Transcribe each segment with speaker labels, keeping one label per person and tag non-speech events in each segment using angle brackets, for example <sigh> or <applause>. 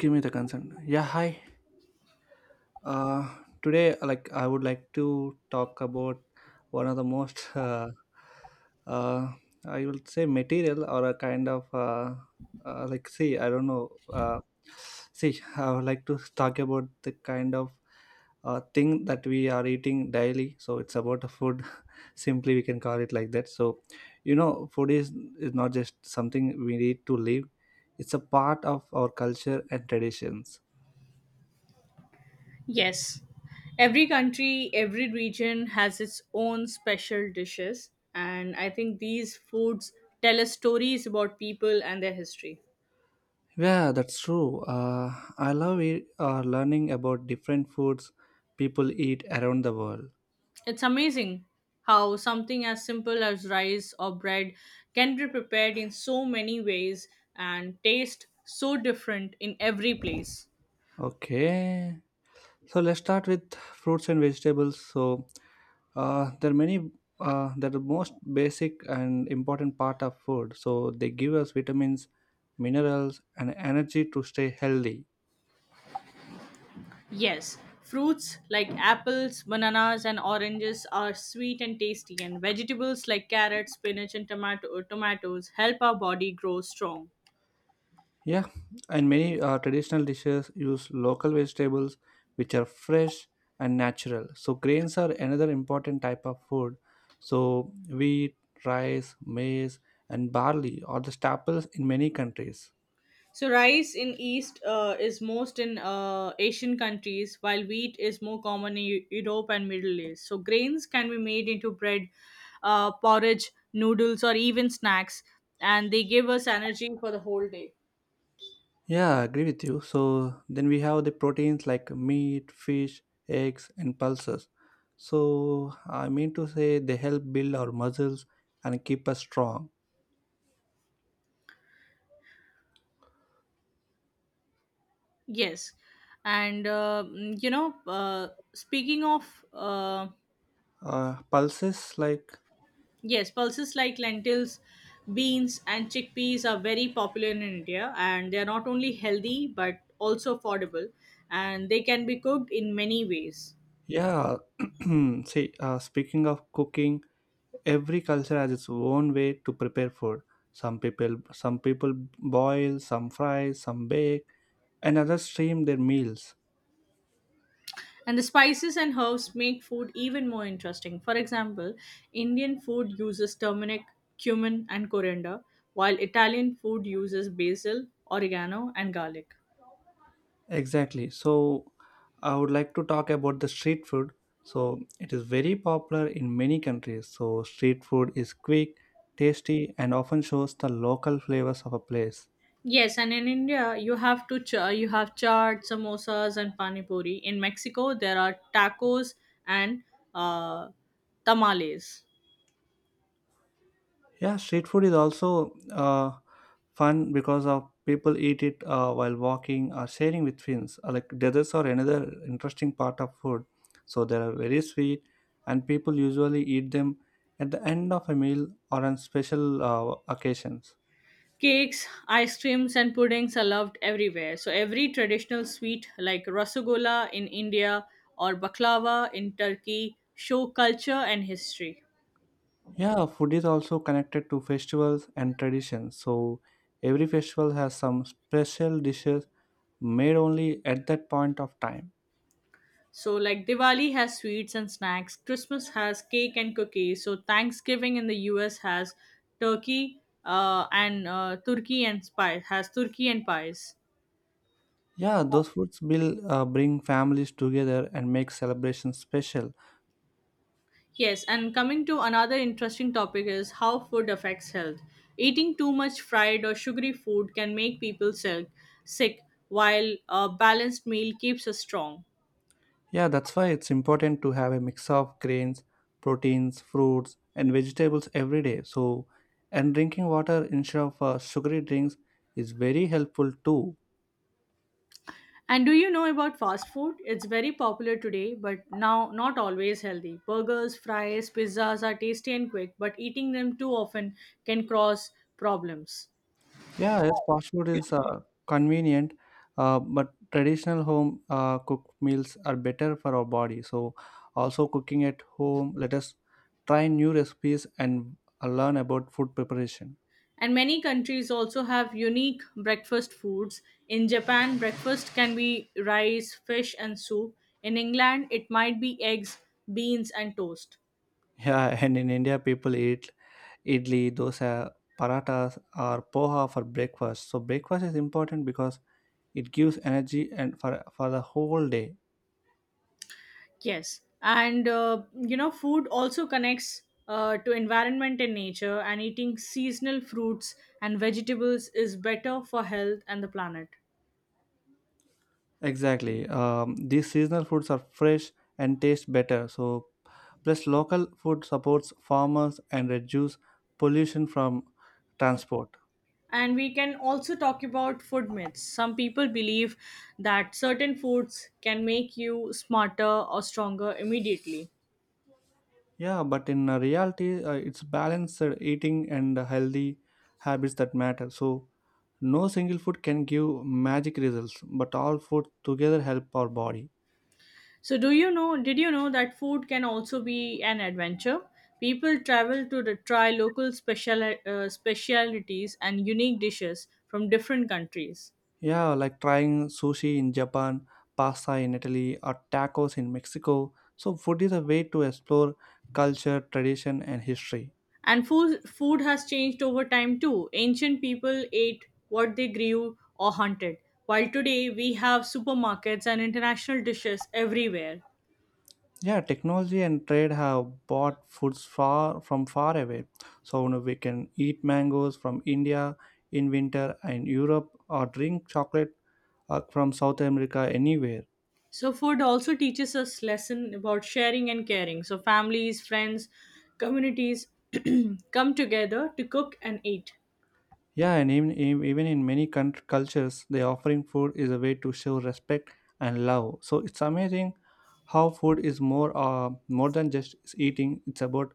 Speaker 1: Give me the concern. Yeah, hi. uh Today, like, I would like to talk about one of the most <laughs> uh, uh I will say material or a kind of like, see, I don't know. uh See, I would like to talk about the kind of thing that we are eating daily, so it's about the food. <laughs> Simply we can call it like that. So, you know, food is not just something we need to live. It's a part of our culture and traditions.
Speaker 2: Yes. Every country, every region has its own special dishes, and I think these foods tell us stories about people and their history.
Speaker 1: Yeah, that's true. I love it, learning about different foods people eat around the world.
Speaker 2: It's amazing how something as simple as rice or bread can be prepared in so many ways and taste so different in every place.
Speaker 1: Okay, so let's start with fruits and vegetables. So there are many. They're the most basic and important part of food. So they give us vitamins, minerals, and energy to stay healthy.
Speaker 2: Yes, fruits like apples, bananas, and oranges are sweet and tasty, and vegetables like carrots, spinach, and tomatoes help our body grow strong.
Speaker 1: Yeah, and many traditional dishes use local vegetables which are fresh and natural. So grains are another important type of food. So wheat, rice, maize, and barley are the staples in many countries.
Speaker 2: So, rice in East is most in Asian countries, while wheat is more common in Europe and Middle East. So, grains can be made into bread, porridge, noodles, or even snacks, and they give us energy for the whole day.
Speaker 1: Yeah, I agree with you. So then we have the proteins like meat, fish, eggs, and pulses. So I mean to say they help build our muscles and keep us strong.
Speaker 2: Yes, and mm, you know, speaking of
Speaker 1: Pulses like...
Speaker 2: yes, pulses like lentils, beans, and chickpeas are very popular in India, and they are not only healthy but also affordable, and they can be cooked in many ways.
Speaker 1: Yeah, <clears throat> see, speaking of cooking, every culture has its own way to prepare food. Some people boil, some fry, some bake, and others stream their meals.
Speaker 2: And the spices and herbs make food even more interesting. For example, Indian food uses turmeric, cumin, and coriander, while Italian food uses basil, oregano, and garlic.
Speaker 1: Exactly. So, I would like to talk about the street food. So, it is very popular in many countries. So, street food is quick, tasty, and often shows the local flavors of a place.
Speaker 2: Yes, and in India you have to you have chaat, samosas, and pani puri. In Mexico there are tacos and uh, tamales,
Speaker 1: Yeah, street food is also fun because of people eat it while walking or sharing with friends. Like desserts are another interesting part of food. So they are very sweet, and people usually eat them at the end of a meal or on special occasions.
Speaker 2: cakes, ice creams, and puddings are loved everywhere. So every traditional sweet like rasagola in India or baklava in Turkey show culture and history.
Speaker 1: Yeah, food is also connected to festivals and traditions. So every festival has some special dishes made only at that point of time.
Speaker 2: So, like Diwali has sweets and snacks, Christmas has cake and cookies. So, Thanksgiving in the US has turkey and turkey and spice has turkey and pies.
Speaker 1: Yeah, those foods will bring families together and make celebrations special.
Speaker 2: Yes, and coming to another interesting topic is how food affects health. Eating too much fried or sugary food can make people sick while a balanced meal keeps us strong.
Speaker 1: Yeah, that's why it's important to have a mix of grains, proteins, fruits, and vegetables every day. So, and drinking water instead of sugary drinks is very helpful too.
Speaker 2: And do you know about fast food? It's very popular today, but now not always healthy. Burgers, fries, pizzas are tasty and quick, but eating them too often can cause problems.
Speaker 1: Yeah, yes, fast food is convenient, but traditional home cooked meals are better for our body. So, also cooking at home, let us try new recipes and learn about food preparation.
Speaker 2: And many countries also have unique breakfast foods. In Japan, breakfast can be rice, fish, and soup. In England, it might be eggs, beans, and toast.
Speaker 1: Yeah, and in India, people eat idli, dosa, parathas, or poha for breakfast. So breakfast is important because it gives energy and for the whole day.
Speaker 2: Yes, and you know, food also connects to environment and nature, and eating seasonal fruits and vegetables is better for health and the planet.
Speaker 1: Exactly. These seasonal foods are fresh and taste better. So plus local food supports farmers and reduce pollution from transport.
Speaker 2: And we can also talk about food myths. Some people believe that certain foods can make you smarter or stronger immediately.
Speaker 1: Yeah, but in reality, it's balanced eating and healthy habits that matter. So, no single food can give magic results, but all food together help our body.
Speaker 2: So, do you know? Did you know that food can also be an adventure? People travel to the, try local special specialities and unique dishes from different countries.
Speaker 1: Yeah, like trying sushi in Japan, pasta in Italy, or tacos in Mexico. So, food is a way to explore culture, tradition, and history.
Speaker 2: And food has changed over time too. Ancient people ate what they grew or hunted, while today we have supermarkets and international dishes everywhere.
Speaker 1: Yeah, technology and trade have brought foods far from far away. So you know, we can eat mangoes from India in winter and Europe, or drink chocolate from South America anywhere.
Speaker 2: So, food also teaches us lesson about sharing and caring. So, families, friends, communities <clears throat> come together to cook and eat.
Speaker 1: Yeah, and even in many country, cultures, the offering food is a way to show respect and love. So it's amazing how food is more than just eating. It's about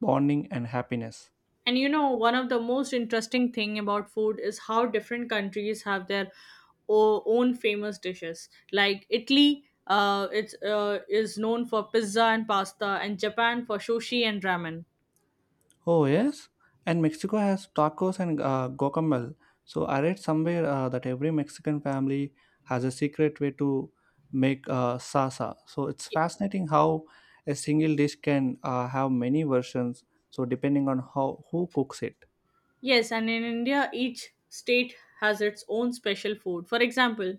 Speaker 1: bonding and happiness.
Speaker 2: And you know, one of the most interesting thing about food is how different countries have their own famous dishes. Like Italy, it's is known for pizza and pasta, and Japan for sushi and ramen.
Speaker 1: Oh, yes. And Mexico has tacos and guacamole. So I read somewhere that every Mexican family has a secret way to make salsa. So it's
Speaker 2: Y-
Speaker 1: fascinating how a single dish can have many versions. So depending on how who cooks it.
Speaker 2: Yes, and in India, each state has its own special food. For example,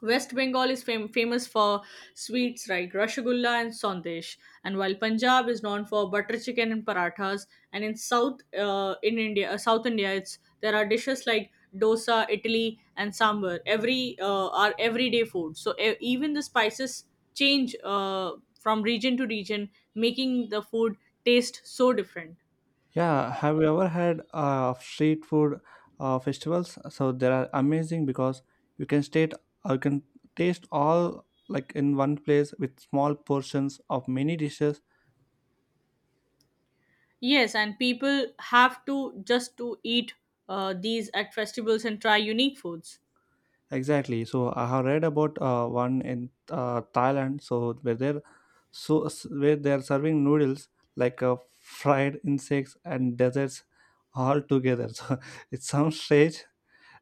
Speaker 2: West Bengal is famous for sweets like rasgulla and sandesh, and while Punjab is known for butter chicken and parathas, and in South India, it's there are dishes like dosa, idli, and sambar. Everyday food, so even the spices change from region to region, making the food taste so different.
Speaker 1: Yeah, have you ever had street food festivals? So they are amazing because you can state you can taste all like in one place with small portions of many dishes.
Speaker 2: Yes, and people have to just to eat these at festivals and try unique foods.
Speaker 1: Exactly. So I have read about one in Thailand. So where they're serving noodles like fried insects and desserts all together. <laughs> So it sounds strange,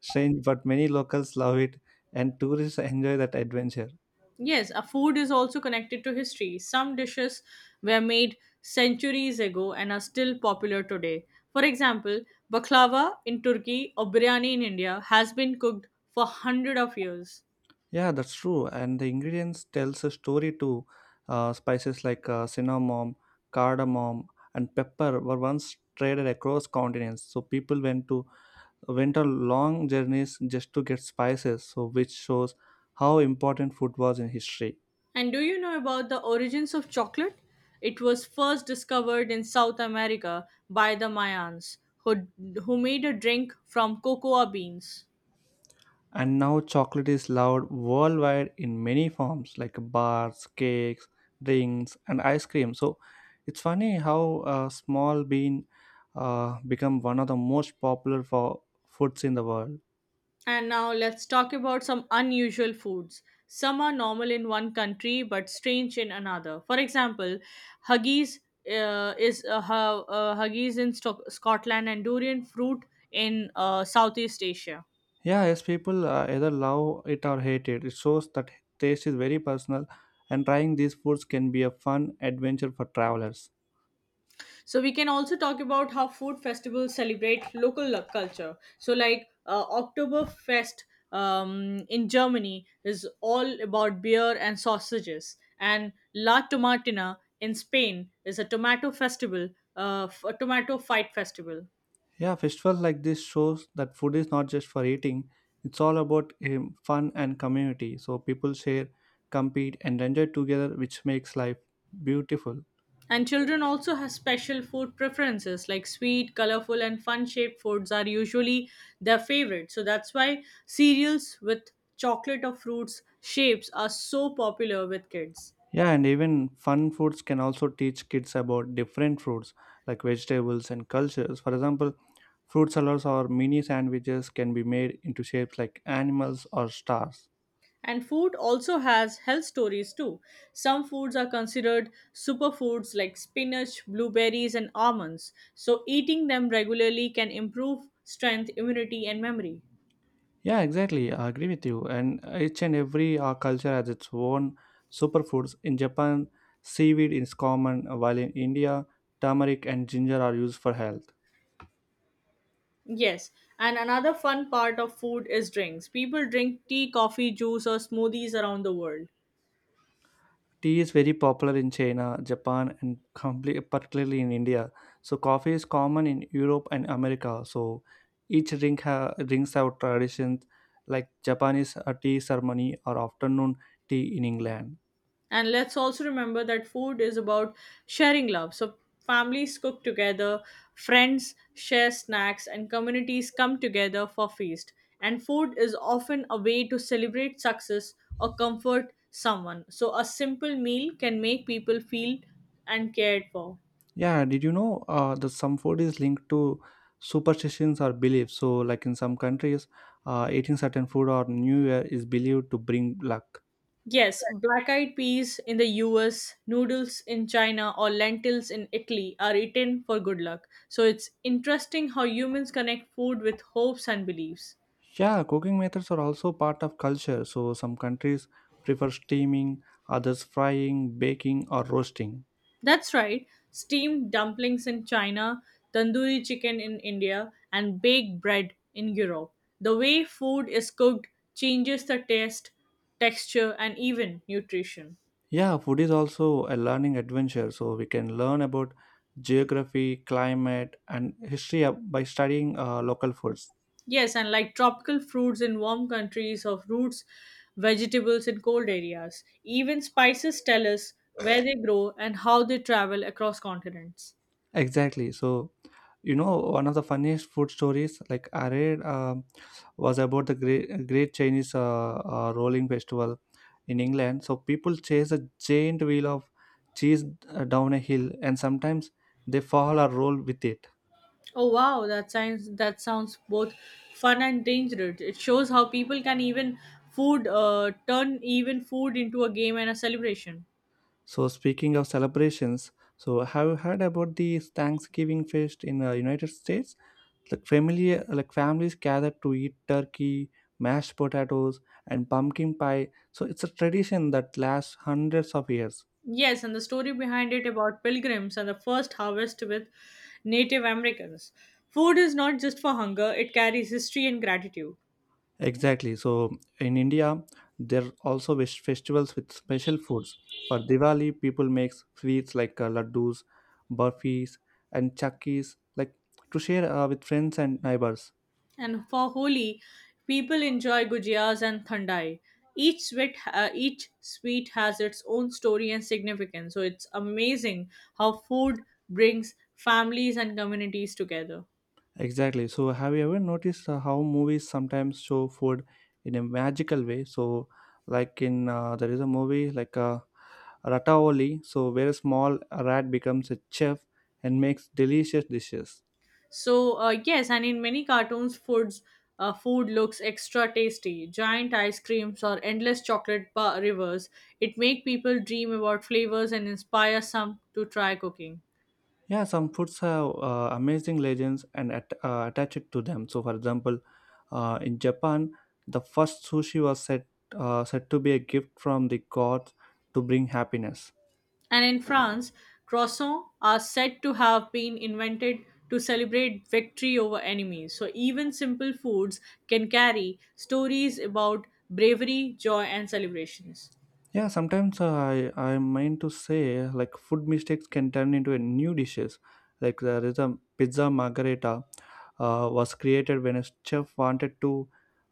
Speaker 1: strange, but many locals love it and tourists enjoy that adventure.
Speaker 2: Yes, a food is also connected to history. Some dishes were made centuries ago and are still popular today. For example, baklava in Turkey or biryani in India has been cooked for hundred of years.
Speaker 1: Yeah, that's true. And the ingredients tells a story too. Spices like cinnamon, cardamom, and pepper were once traded across continents. So people went on long journeys just to get spices, so which shows how important food was in history.
Speaker 2: And do you know about the origins of chocolate? It was first discovered in South America by the Mayans, who, who made a drink from cocoa beans.
Speaker 1: And now chocolate is loved worldwide in many forms like bars, cakes, drinks, and ice cream. So it's funny how small bean become one of the most popular for foods in the world.
Speaker 2: And now let's talk about some unusual foods. Some are normal in one country but strange in another. For example, haggis haggis in Scotland and durian fruit in Southeast Asia.
Speaker 1: Yeah, yes, people either love it or hate it. It shows that taste is very personal, and trying these foods can be a fun adventure for travelers.
Speaker 2: So we can also talk about how food festivals celebrate local culture. So like Oktoberfest in Germany is all about beer and sausages, and La Tomatina in Spain is a tomato festival, a tomato fight festival.
Speaker 1: Yeah, festivals like this shows that food is not just for eating. It's all about fun and community. So people share, compete, and enjoy together, which makes life beautiful.
Speaker 2: And children also have special food preferences, like sweet, colorful, and fun shaped foods are usually their favorite. So that's why cereals with chocolate or fruits shapes are so popular with kids.
Speaker 1: Yeah, and even fun foods can also teach kids about different fruits like vegetables and cultures. For example, fruit salads or mini sandwiches can be made into shapes like animals or stars.
Speaker 2: And food also has health stories too. Some foods are considered superfoods like spinach, blueberries, and almonds. So, eating them regularly can improve strength, immunity, and memory.
Speaker 1: Yeah, exactly. I agree with you. And each and every culture has its own superfoods. In Japan, seaweed is common, while in India, turmeric and ginger are used for health.
Speaker 2: Yes, and another fun part of food is drinks. People drink tea, coffee, juice, or smoothies around the world.
Speaker 1: Tea is very popular in China, Japan, and complete, particularly in India. So, coffee is common in Europe and America. So, drinks have traditions like Japanese tea ceremony or afternoon tea in England.
Speaker 2: And let's also remember that food is about sharing love. So families cook together, friends share snacks, and communities come together for feast. And food is often a way to celebrate success or comfort someone. So a simple meal can make people feel and cared for.
Speaker 1: Yeah, did you know that some food is linked to superstitions or beliefs? So, like in some countries, eating certain food or New Year is believed to bring luck.
Speaker 2: Yes, black eyed peas in the US, noodles in China, or lentils in Italy are eaten for good luck. So it's interesting how humans connect food with hopes and beliefs.
Speaker 1: Yeah, cooking methods are also part of culture. So, some countries prefer steaming, others frying, baking, or roasting.
Speaker 2: That's right. Steamed dumplings in China, tandoori chicken in India, and baked bread in Europe. The way food is cooked changes the taste, texture, and even nutrition.
Speaker 1: Yeah, food is also a learning adventure. So, we can learn about geography, climate, and history by studying local foods.
Speaker 2: Yes, and like tropical fruits in warm countries of roots, vegetables in cold areas. Even spices tell us where they grow and how they travel across continents.
Speaker 1: Exactly. So, you know, one of the funniest food stories like I read was about the great Chinese rolling festival in England. So people chase a giant wheel of cheese down a hill, and sometimes they fall or roll with it.
Speaker 2: Oh wow, that sounds both fun and dangerous. It shows how people can even food turn even food into a game and a celebration.
Speaker 1: So speaking of celebrations, so have you heard about the Thanksgiving feast in United States? Like familiar, like families gather to eat turkey, mashed potatoes, and pumpkin pie. So it's a tradition that lasts hundreds of years.
Speaker 2: Yes, and the story behind it about pilgrims and the first harvest with Native Americans. Food is not just for hunger; it carries history and gratitude.
Speaker 1: Exactly. So in India, there are also festivals with special foods. For Diwali, people make sweets like laddus, burfis, and chakkis, like to share with friends and neighbors.
Speaker 2: And for Holi, people enjoy gujiyas and thandai. Each sweet has its own story and significance. So it's amazing how food brings families and communities together.
Speaker 1: Exactly. So, have you ever noticed how movies sometimes show food in a magical way? So, like in there is a movie like Rataoli, so where a small rat becomes a chef and makes delicious dishes.
Speaker 2: So yes, and in many cartoons, food looks extra tasty. Giant ice creams or endless chocolate bar rivers. It make people dream about flavors and inspire some to try cooking.
Speaker 1: Yeah, some foods have amazing legends and attached to them. So, for example, in Japan, the first sushi was said to be a gift from the gods to bring happiness.
Speaker 2: And in France, croissants are said to have been invented to celebrate victory over enemies. So even simple foods can carry stories about bravery, joy, and celebrations.
Speaker 1: Yeah, sometimes I I meant to say like food mistakes can turn into a new dishes. Like there is a pizza margherita was created when a chef wanted to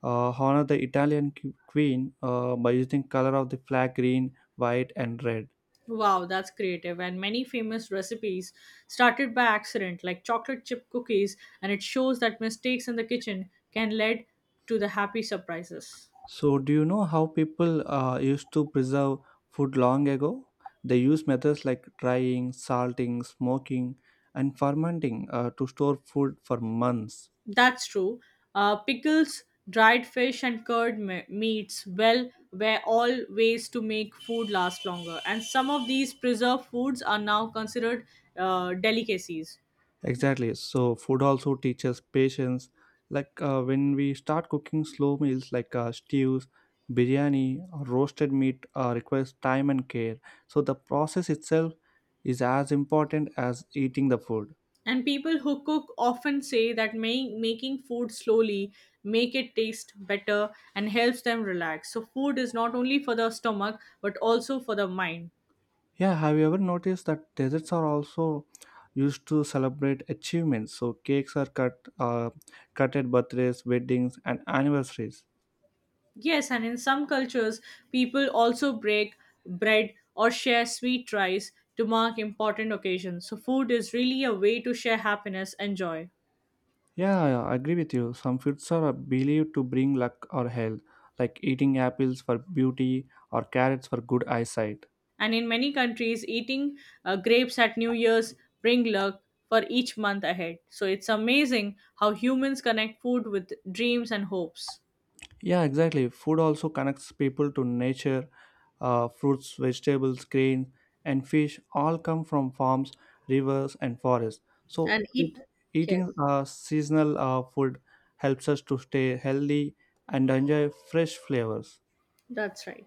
Speaker 1: honor the Italian queen by using color of the flag green, white, and red.
Speaker 2: Wow, that's creative. And many famous recipes started by accident, like chocolate chip cookies, and it shows that mistakes in the kitchen can lead to the happy surprises.
Speaker 1: So do you know how people used to preserve food long ago? They use methods like drying, salting, smoking, and fermenting to store food for months.
Speaker 2: That's true. Pickles, dried fish, and curd meats, well, were all ways to make food last longer. And some of these preserved foods are now considered delicacies.
Speaker 1: Exactly. So food also teaches patience. Like when we start cooking slow meals like stews, biryani, or roasted meat requires time and care. So the process itself is as important as eating the food.
Speaker 2: And people who cook often say that making food slowly make it taste better and helps them relax. So food is not only for the stomach but also for the mind.
Speaker 1: Yeah, have you ever noticed that desserts are also used to celebrate achievements? So cakes are cut at birthdays, weddings, and anniversaries.
Speaker 2: Yes, and in some cultures, people also break bread or share sweet rice to mark important occasions. So, food is really a way to share happiness and joy.
Speaker 1: Yeah, yeah, I agree with you. Some foods are believed to bring luck or health, like eating apples for beauty or carrots for good eyesight.
Speaker 2: And in many countries, eating grapes at New Year's bring luck for each month ahead. So, it's amazing how humans connect food with dreams and hopes.
Speaker 1: Yeah, exactly. Food also connects people to nature. Fruits, vegetables, grains, and fish all come from farms, rivers, and forests. So,
Speaker 2: And eat,
Speaker 1: eating
Speaker 2: yes.
Speaker 1: seasonal food helps us to stay healthy and enjoy fresh flavors.
Speaker 2: That's right.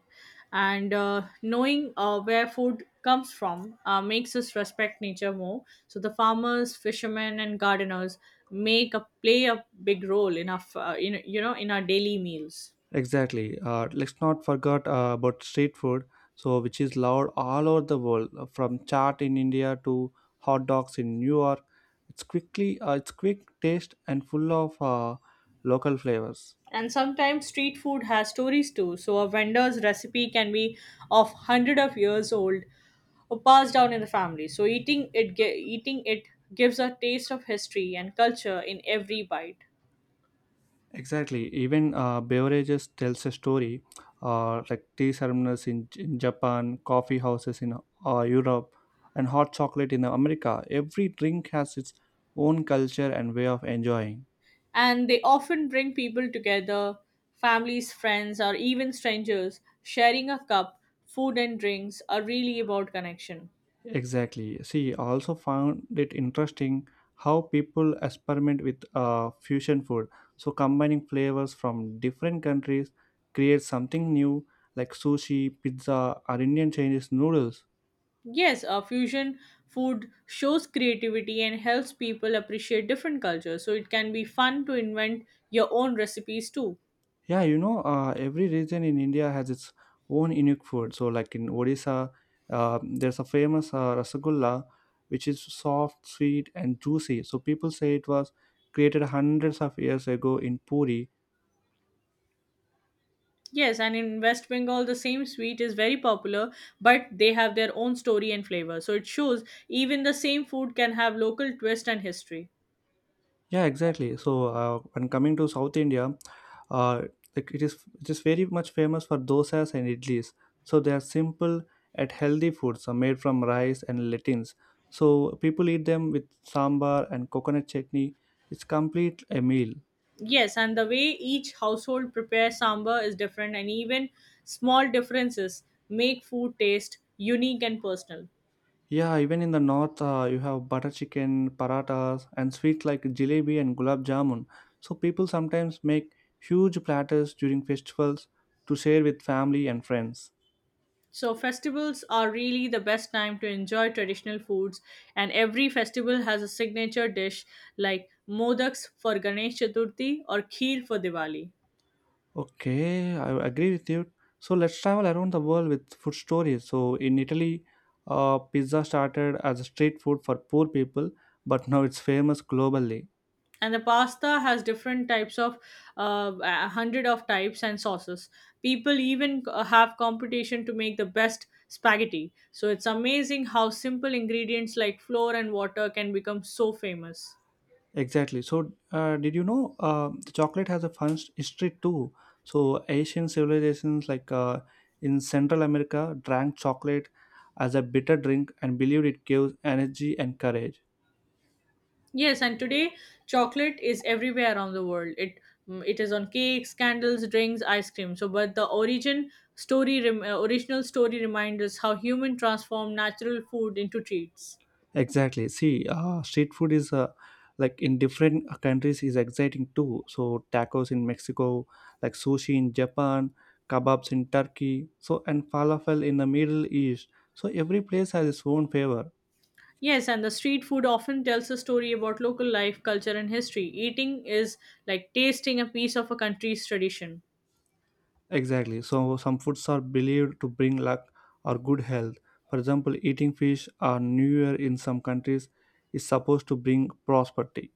Speaker 2: And knowing where food comes from makes us respect nature more. So the farmers, fishermen, and gardeners make a play a big role in our you know in our daily meals.
Speaker 1: Exactly. Let's not forget about street food, so which is loved all over the world, from chaat in India to hot dogs in New York. It's quick taste and full of local flavors.
Speaker 2: And sometimes street food has stories too. So a vendor's recipe can be of hundred of years old or passed down in the family. So eating it gives a taste of history and culture in every bite.
Speaker 1: Exactly. Even beverages tells a story, like tea ceremonies in Japan, coffee houses in Europe, and hot chocolate in America. Every drink has its own culture and way of enjoying.
Speaker 2: And they often bring people together families, friends, or even strangers. Sharing a cup, food, and drinks are really about connection.
Speaker 1: Exactly. See, I also found it interesting how people experiment with fusion food. So, combining flavors from different countries creates something new, like sushi, pizza, or Indian Chinese noodles.
Speaker 2: Yes, a fusion food shows creativity and helps people appreciate different cultures, so it can be fun to invent your own recipes too.
Speaker 1: Yeah, every region in India has its own unique food. So, like in Odisha, there's a famous rasagulla, which is soft, sweet, and juicy. So, people say it was created hundreds of years ago in Puri.
Speaker 2: Yes, and in West Bengal, the same sweet is very popular, but they have their own story and flavor. So it shows even the same food can have local twist and history.
Speaker 1: Yeah, exactly. So, when coming to South India, uh, it it is very much famous for dosas and idlis. So they are simple and healthy foods are made from rice and lentils. So people eat them with sambar and coconut chutney. It's complete a meal.
Speaker 2: Yes, and the way each household prepares sambar is different, and even small differences make food taste unique and personal.
Speaker 1: Yeah, even in the north, you have butter chicken, paratas, and sweets like jalebi and gulab jamun. So people sometimes make huge platters during festivals to share with family and friends.
Speaker 2: So, festivals are really the best time to enjoy traditional foods, and every festival has a signature dish like modaks for Ganesh Chaturthi or kheer for Diwali.
Speaker 1: Okay, I agree with you. So let's travel around the world with food stories. So in Italy, pizza started as a street food for poor people, but now it's famous globally.
Speaker 2: And the pasta has different types of, 100 of types and sauces. People even have competition to make the best spaghetti. So it's amazing how simple ingredients like flour and water can become so famous.
Speaker 1: Exactly. So did you know the chocolate has a history too? So Asian civilizations like in Central America drank chocolate as a bitter drink and believed it gives energy and courage.
Speaker 2: Yes, and today chocolate is everywhere around the world. It is on cakes, candles, drinks, ice cream. So but the origin original story reminds us how human transformed natural food into treats.
Speaker 1: Exactly. See, street food is like in different countries is exciting too. So tacos in Mexico, like sushi in Japan, kebabs in Turkey, so and falafel in the Middle East. So every place has its own flavor.
Speaker 2: Yes, and the street food often tells a story about local life, culture, and history. Eating is like tasting a piece of a country's tradition.
Speaker 1: Exactly. So some foods are believed to bring luck or good health. For example, eating fish or New Year in some countries is supposed to bring prosperity.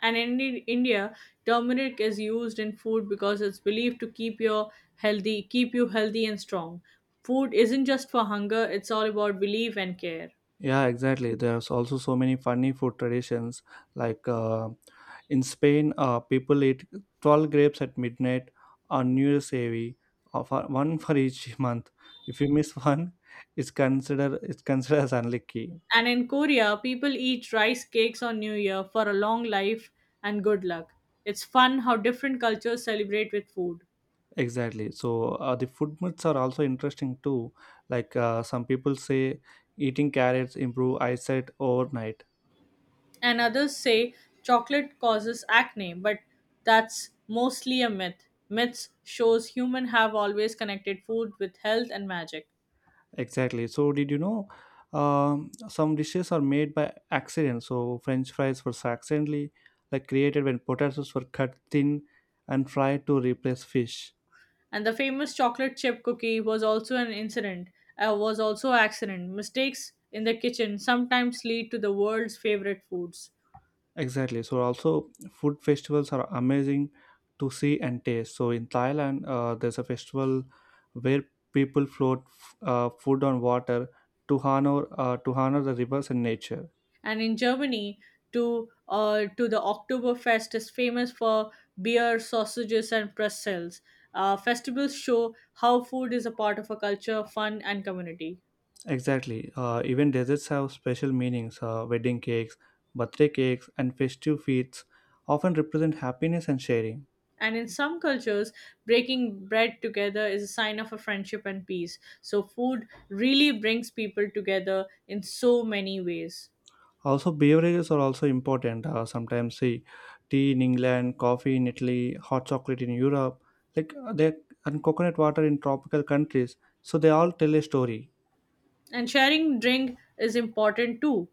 Speaker 2: And in India, turmeric is used in food because it's believed to keep your healthy, keep you healthy and strong. Food isn't just for hunger; it's all about belief and care.
Speaker 1: Yeah, exactly. There's also so many funny food traditions. Like in Spain, people eat 12 grapes at midnight on New Year's Eve, one for each <laughs> month. If you miss one, it's considered as unlucky.
Speaker 2: And in Korea, people eat rice cakes on New Year for a long life and good luck. It's fun how different cultures celebrate with food.
Speaker 1: Exactly. So the food myths are also interesting too. Like some people say eating carrots improve eyesight overnight.
Speaker 2: And others say chocolate causes acne, but that's mostly a myth. Myths shows humans have always connected food with health and magic.
Speaker 1: Exactly. So, did you know some dishes are made by accident? So, French fries were accidentally like created when potatoes were cut thin and fried to replace fish.
Speaker 2: And the famous chocolate chip cookie was also an incident, was also accident. Mistakes in the kitchen sometimes lead to the world's favorite foods.
Speaker 1: Exactly. So, also food festivals are amazing to see and taste. So, in Thailand, there's a festival where people food on water to honor the rivers and nature.
Speaker 2: And in Germany, to the Oktoberfest is famous for beer, sausages, and pretzels. Festivals show how food is a part of a culture, fun, and community.
Speaker 1: Exactly. Even desserts have special meanings. Wedding cakes, birthday cakes, and festive feasts often represent happiness and sharing.
Speaker 2: And in some cultures, breaking bread together is a sign of a friendship and peace. So food really brings people together in so many ways.
Speaker 1: Also, beverages are also important. Sometimes, see, tea in England, coffee in Italy, hot chocolate in Europe, like they and coconut water in tropical countries. So they all tell a story.
Speaker 2: And sharing drink is important too.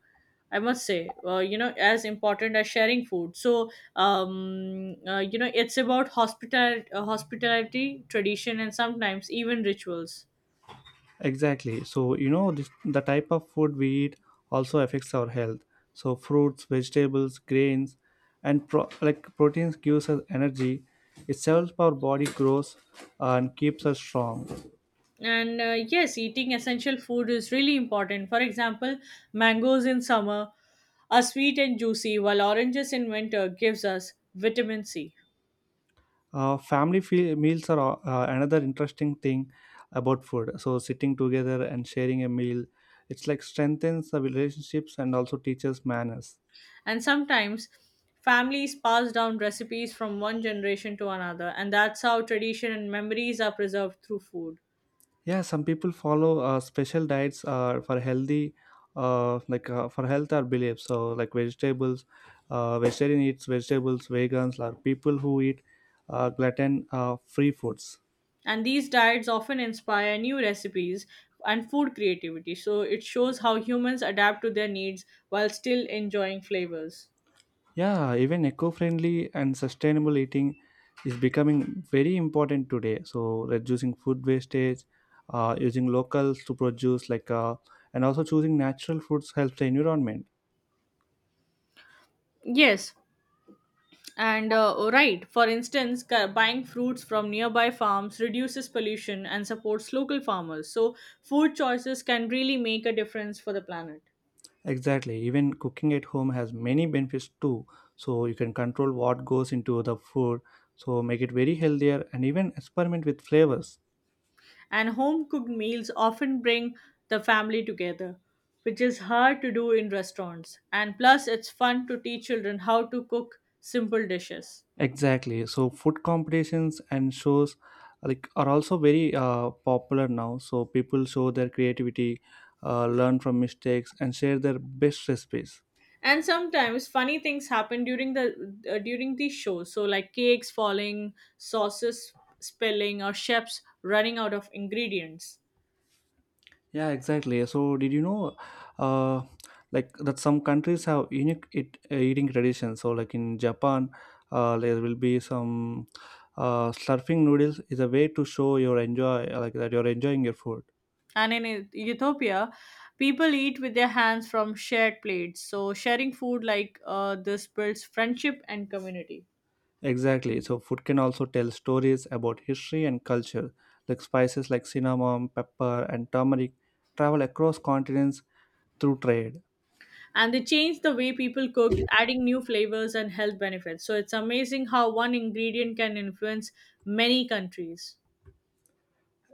Speaker 2: I must say, you know, as important as sharing food. So, you know, it's about hospitality, tradition, and sometimes even rituals.
Speaker 1: Exactly. So, the type of food we eat also affects our health. So, fruits, vegetables, grains, and proteins gives us energy. It helps our body grows and keeps us strong.
Speaker 2: And yes, eating essential food is really important. For example, mangoes in summer are sweet and juicy, while oranges in winter gives us vitamin C.
Speaker 1: Meals are another interesting thing about food. So, sitting together and sharing a meal, it's like strengthens the relationships and also teaches manners.
Speaker 2: And sometimes families pass down recipes from one generation to another, and that's how tradition and memories are preserved through food.
Speaker 1: Yeah, some people follow special diets for health or beliefs, so like vegetables vegetarian eats vegetables, vegans are people who eat gluten free foods.
Speaker 2: And these diets often inspire new recipes and food creativity, so it shows how humans adapt to their needs while still enjoying flavors.
Speaker 1: Yeah, even eco-friendly and sustainable eating is becoming very important today, so reducing food wastage, using locals to produce and also choosing natural foods helps the environment.
Speaker 2: Yes, and right. For instance, buying fruits from nearby farms reduces pollution and supports local farmers. So, food choices can really make a difference for the planet.
Speaker 1: Exactly. Even cooking at home has many benefits too. So you can control what goes into the food, so make it very healthier and even experiment with flavors.
Speaker 2: And home cooked meals often bring the family together, which is hard to do in restaurants. And plus, it's fun to teach children how to cook simple dishes.
Speaker 1: Exactly. So food competitions and shows like are also very popular now. So people show their creativity, learn from mistakes and share their best recipes.
Speaker 2: And sometimes funny things happen during the during these shows. So like cakes falling, sauces spilling, or chefs running out of ingredients.
Speaker 1: Yeah, exactly. So, did you know, uh, like that some countries have eating traditions. So, like in Japan, there will be some slurping noodles is a way to show your enjoy like that you're enjoying your food.
Speaker 2: And in Ethiopia, people eat with their hands from shared plates. So sharing food like this builds friendship and community.
Speaker 1: Exactly. So, food can also tell stories about history and culture. Like spices like cinnamon, pepper, and turmeric travel across continents through trade.
Speaker 2: And they changed the way people cooked, adding new flavors and health benefits. So it's amazing how one ingredient can influence many countries.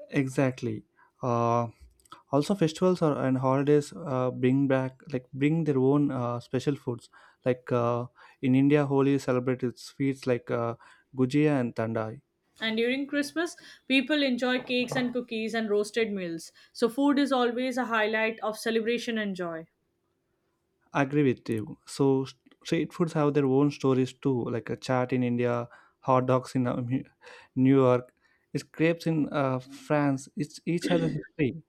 Speaker 1: Exactly. Uh, Also, and holidays bring back like bring their own special foods. Like in India, Holi celebrates sweets like gujia and tandai.
Speaker 2: And during Christmas, people enjoy cakes and cookies and roasted meals. So food is always a highlight of celebration and joy.
Speaker 1: Agree with you. Street foods have their own stories too. Like a chaat in India, hot dogs in New York, it's crepes in France. It's each has a history.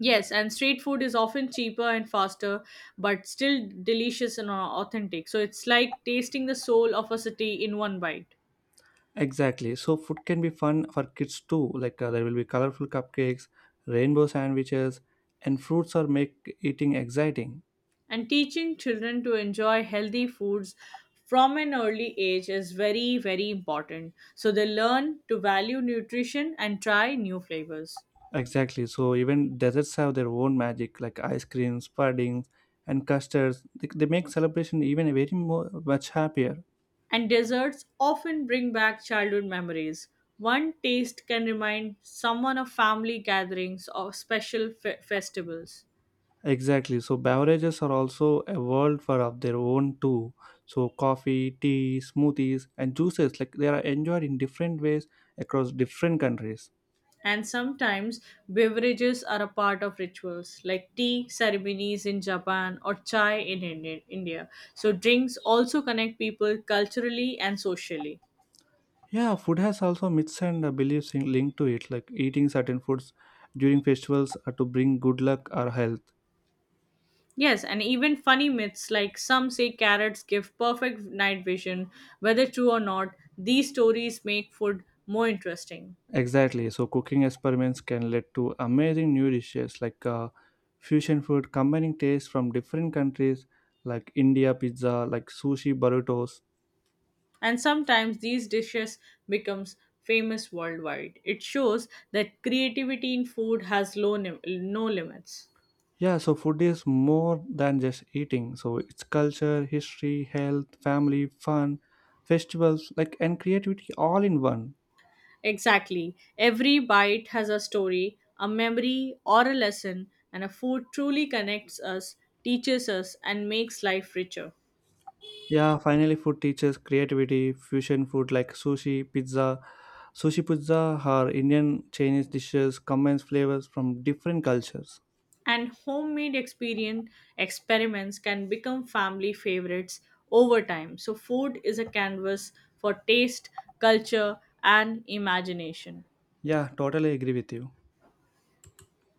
Speaker 2: Yes, and street food is often cheaper and faster, but still delicious and authentic. So it's like tasting the soul of a city in one bite.
Speaker 1: Exactly. So food can be fun for kids too. Like there will be colorful cupcakes, rainbow sandwiches, and fruits are make eating exciting.
Speaker 2: And teaching children to enjoy healthy foods from an early age is very very important, so they learn to value nutrition and try new flavors.
Speaker 1: Exactly. So even desserts have their own magic, like ice creams, puddings, and custards. They make celebration even much happier.
Speaker 2: And desserts often bring back childhood memories. One taste can remind someone of family gatherings or special festivals.
Speaker 1: Exactly. So beverages are also a world for of their own too. So coffee, tea, smoothies, and juices, like they are enjoyed in different ways across different countries.
Speaker 2: And sometimes beverages are a part of rituals, like tea ceremonies in Japan or chai in India. So, drinks also connect people culturally and socially.
Speaker 1: Yeah, food has also myths and beliefs in, linked to it, like eating certain foods during festivals are to bring good luck or health.
Speaker 2: Yes, and even funny myths, like some say carrots give perfect night vision, whether true or not, these stories make food more interesting.
Speaker 1: Exactly. So cooking experiments can lead to amazing new dishes like fusion food, combining tastes from different countries like India pizza, like sushi burritos.
Speaker 2: And sometimes these dishes becomes famous worldwide. It shows that creativity in food has no limits.
Speaker 1: Yeah, so food is more than just eating. So it's culture, history, health, family, fun, festivals, like and creativity all in one.
Speaker 2: Exactly. Every bite has a story, a memory, or a lesson, and a food truly connects us, teaches us, and makes life richer.
Speaker 1: Yeah, finally, food teaches creativity. Fusion food like sushi pizza, or Indian Chinese dishes combines flavors from different cultures.
Speaker 2: And homemade experience experiments can become family favorites over time. So food is a canvas for taste, culture, and imagination.
Speaker 1: Yeah, totally agree with you.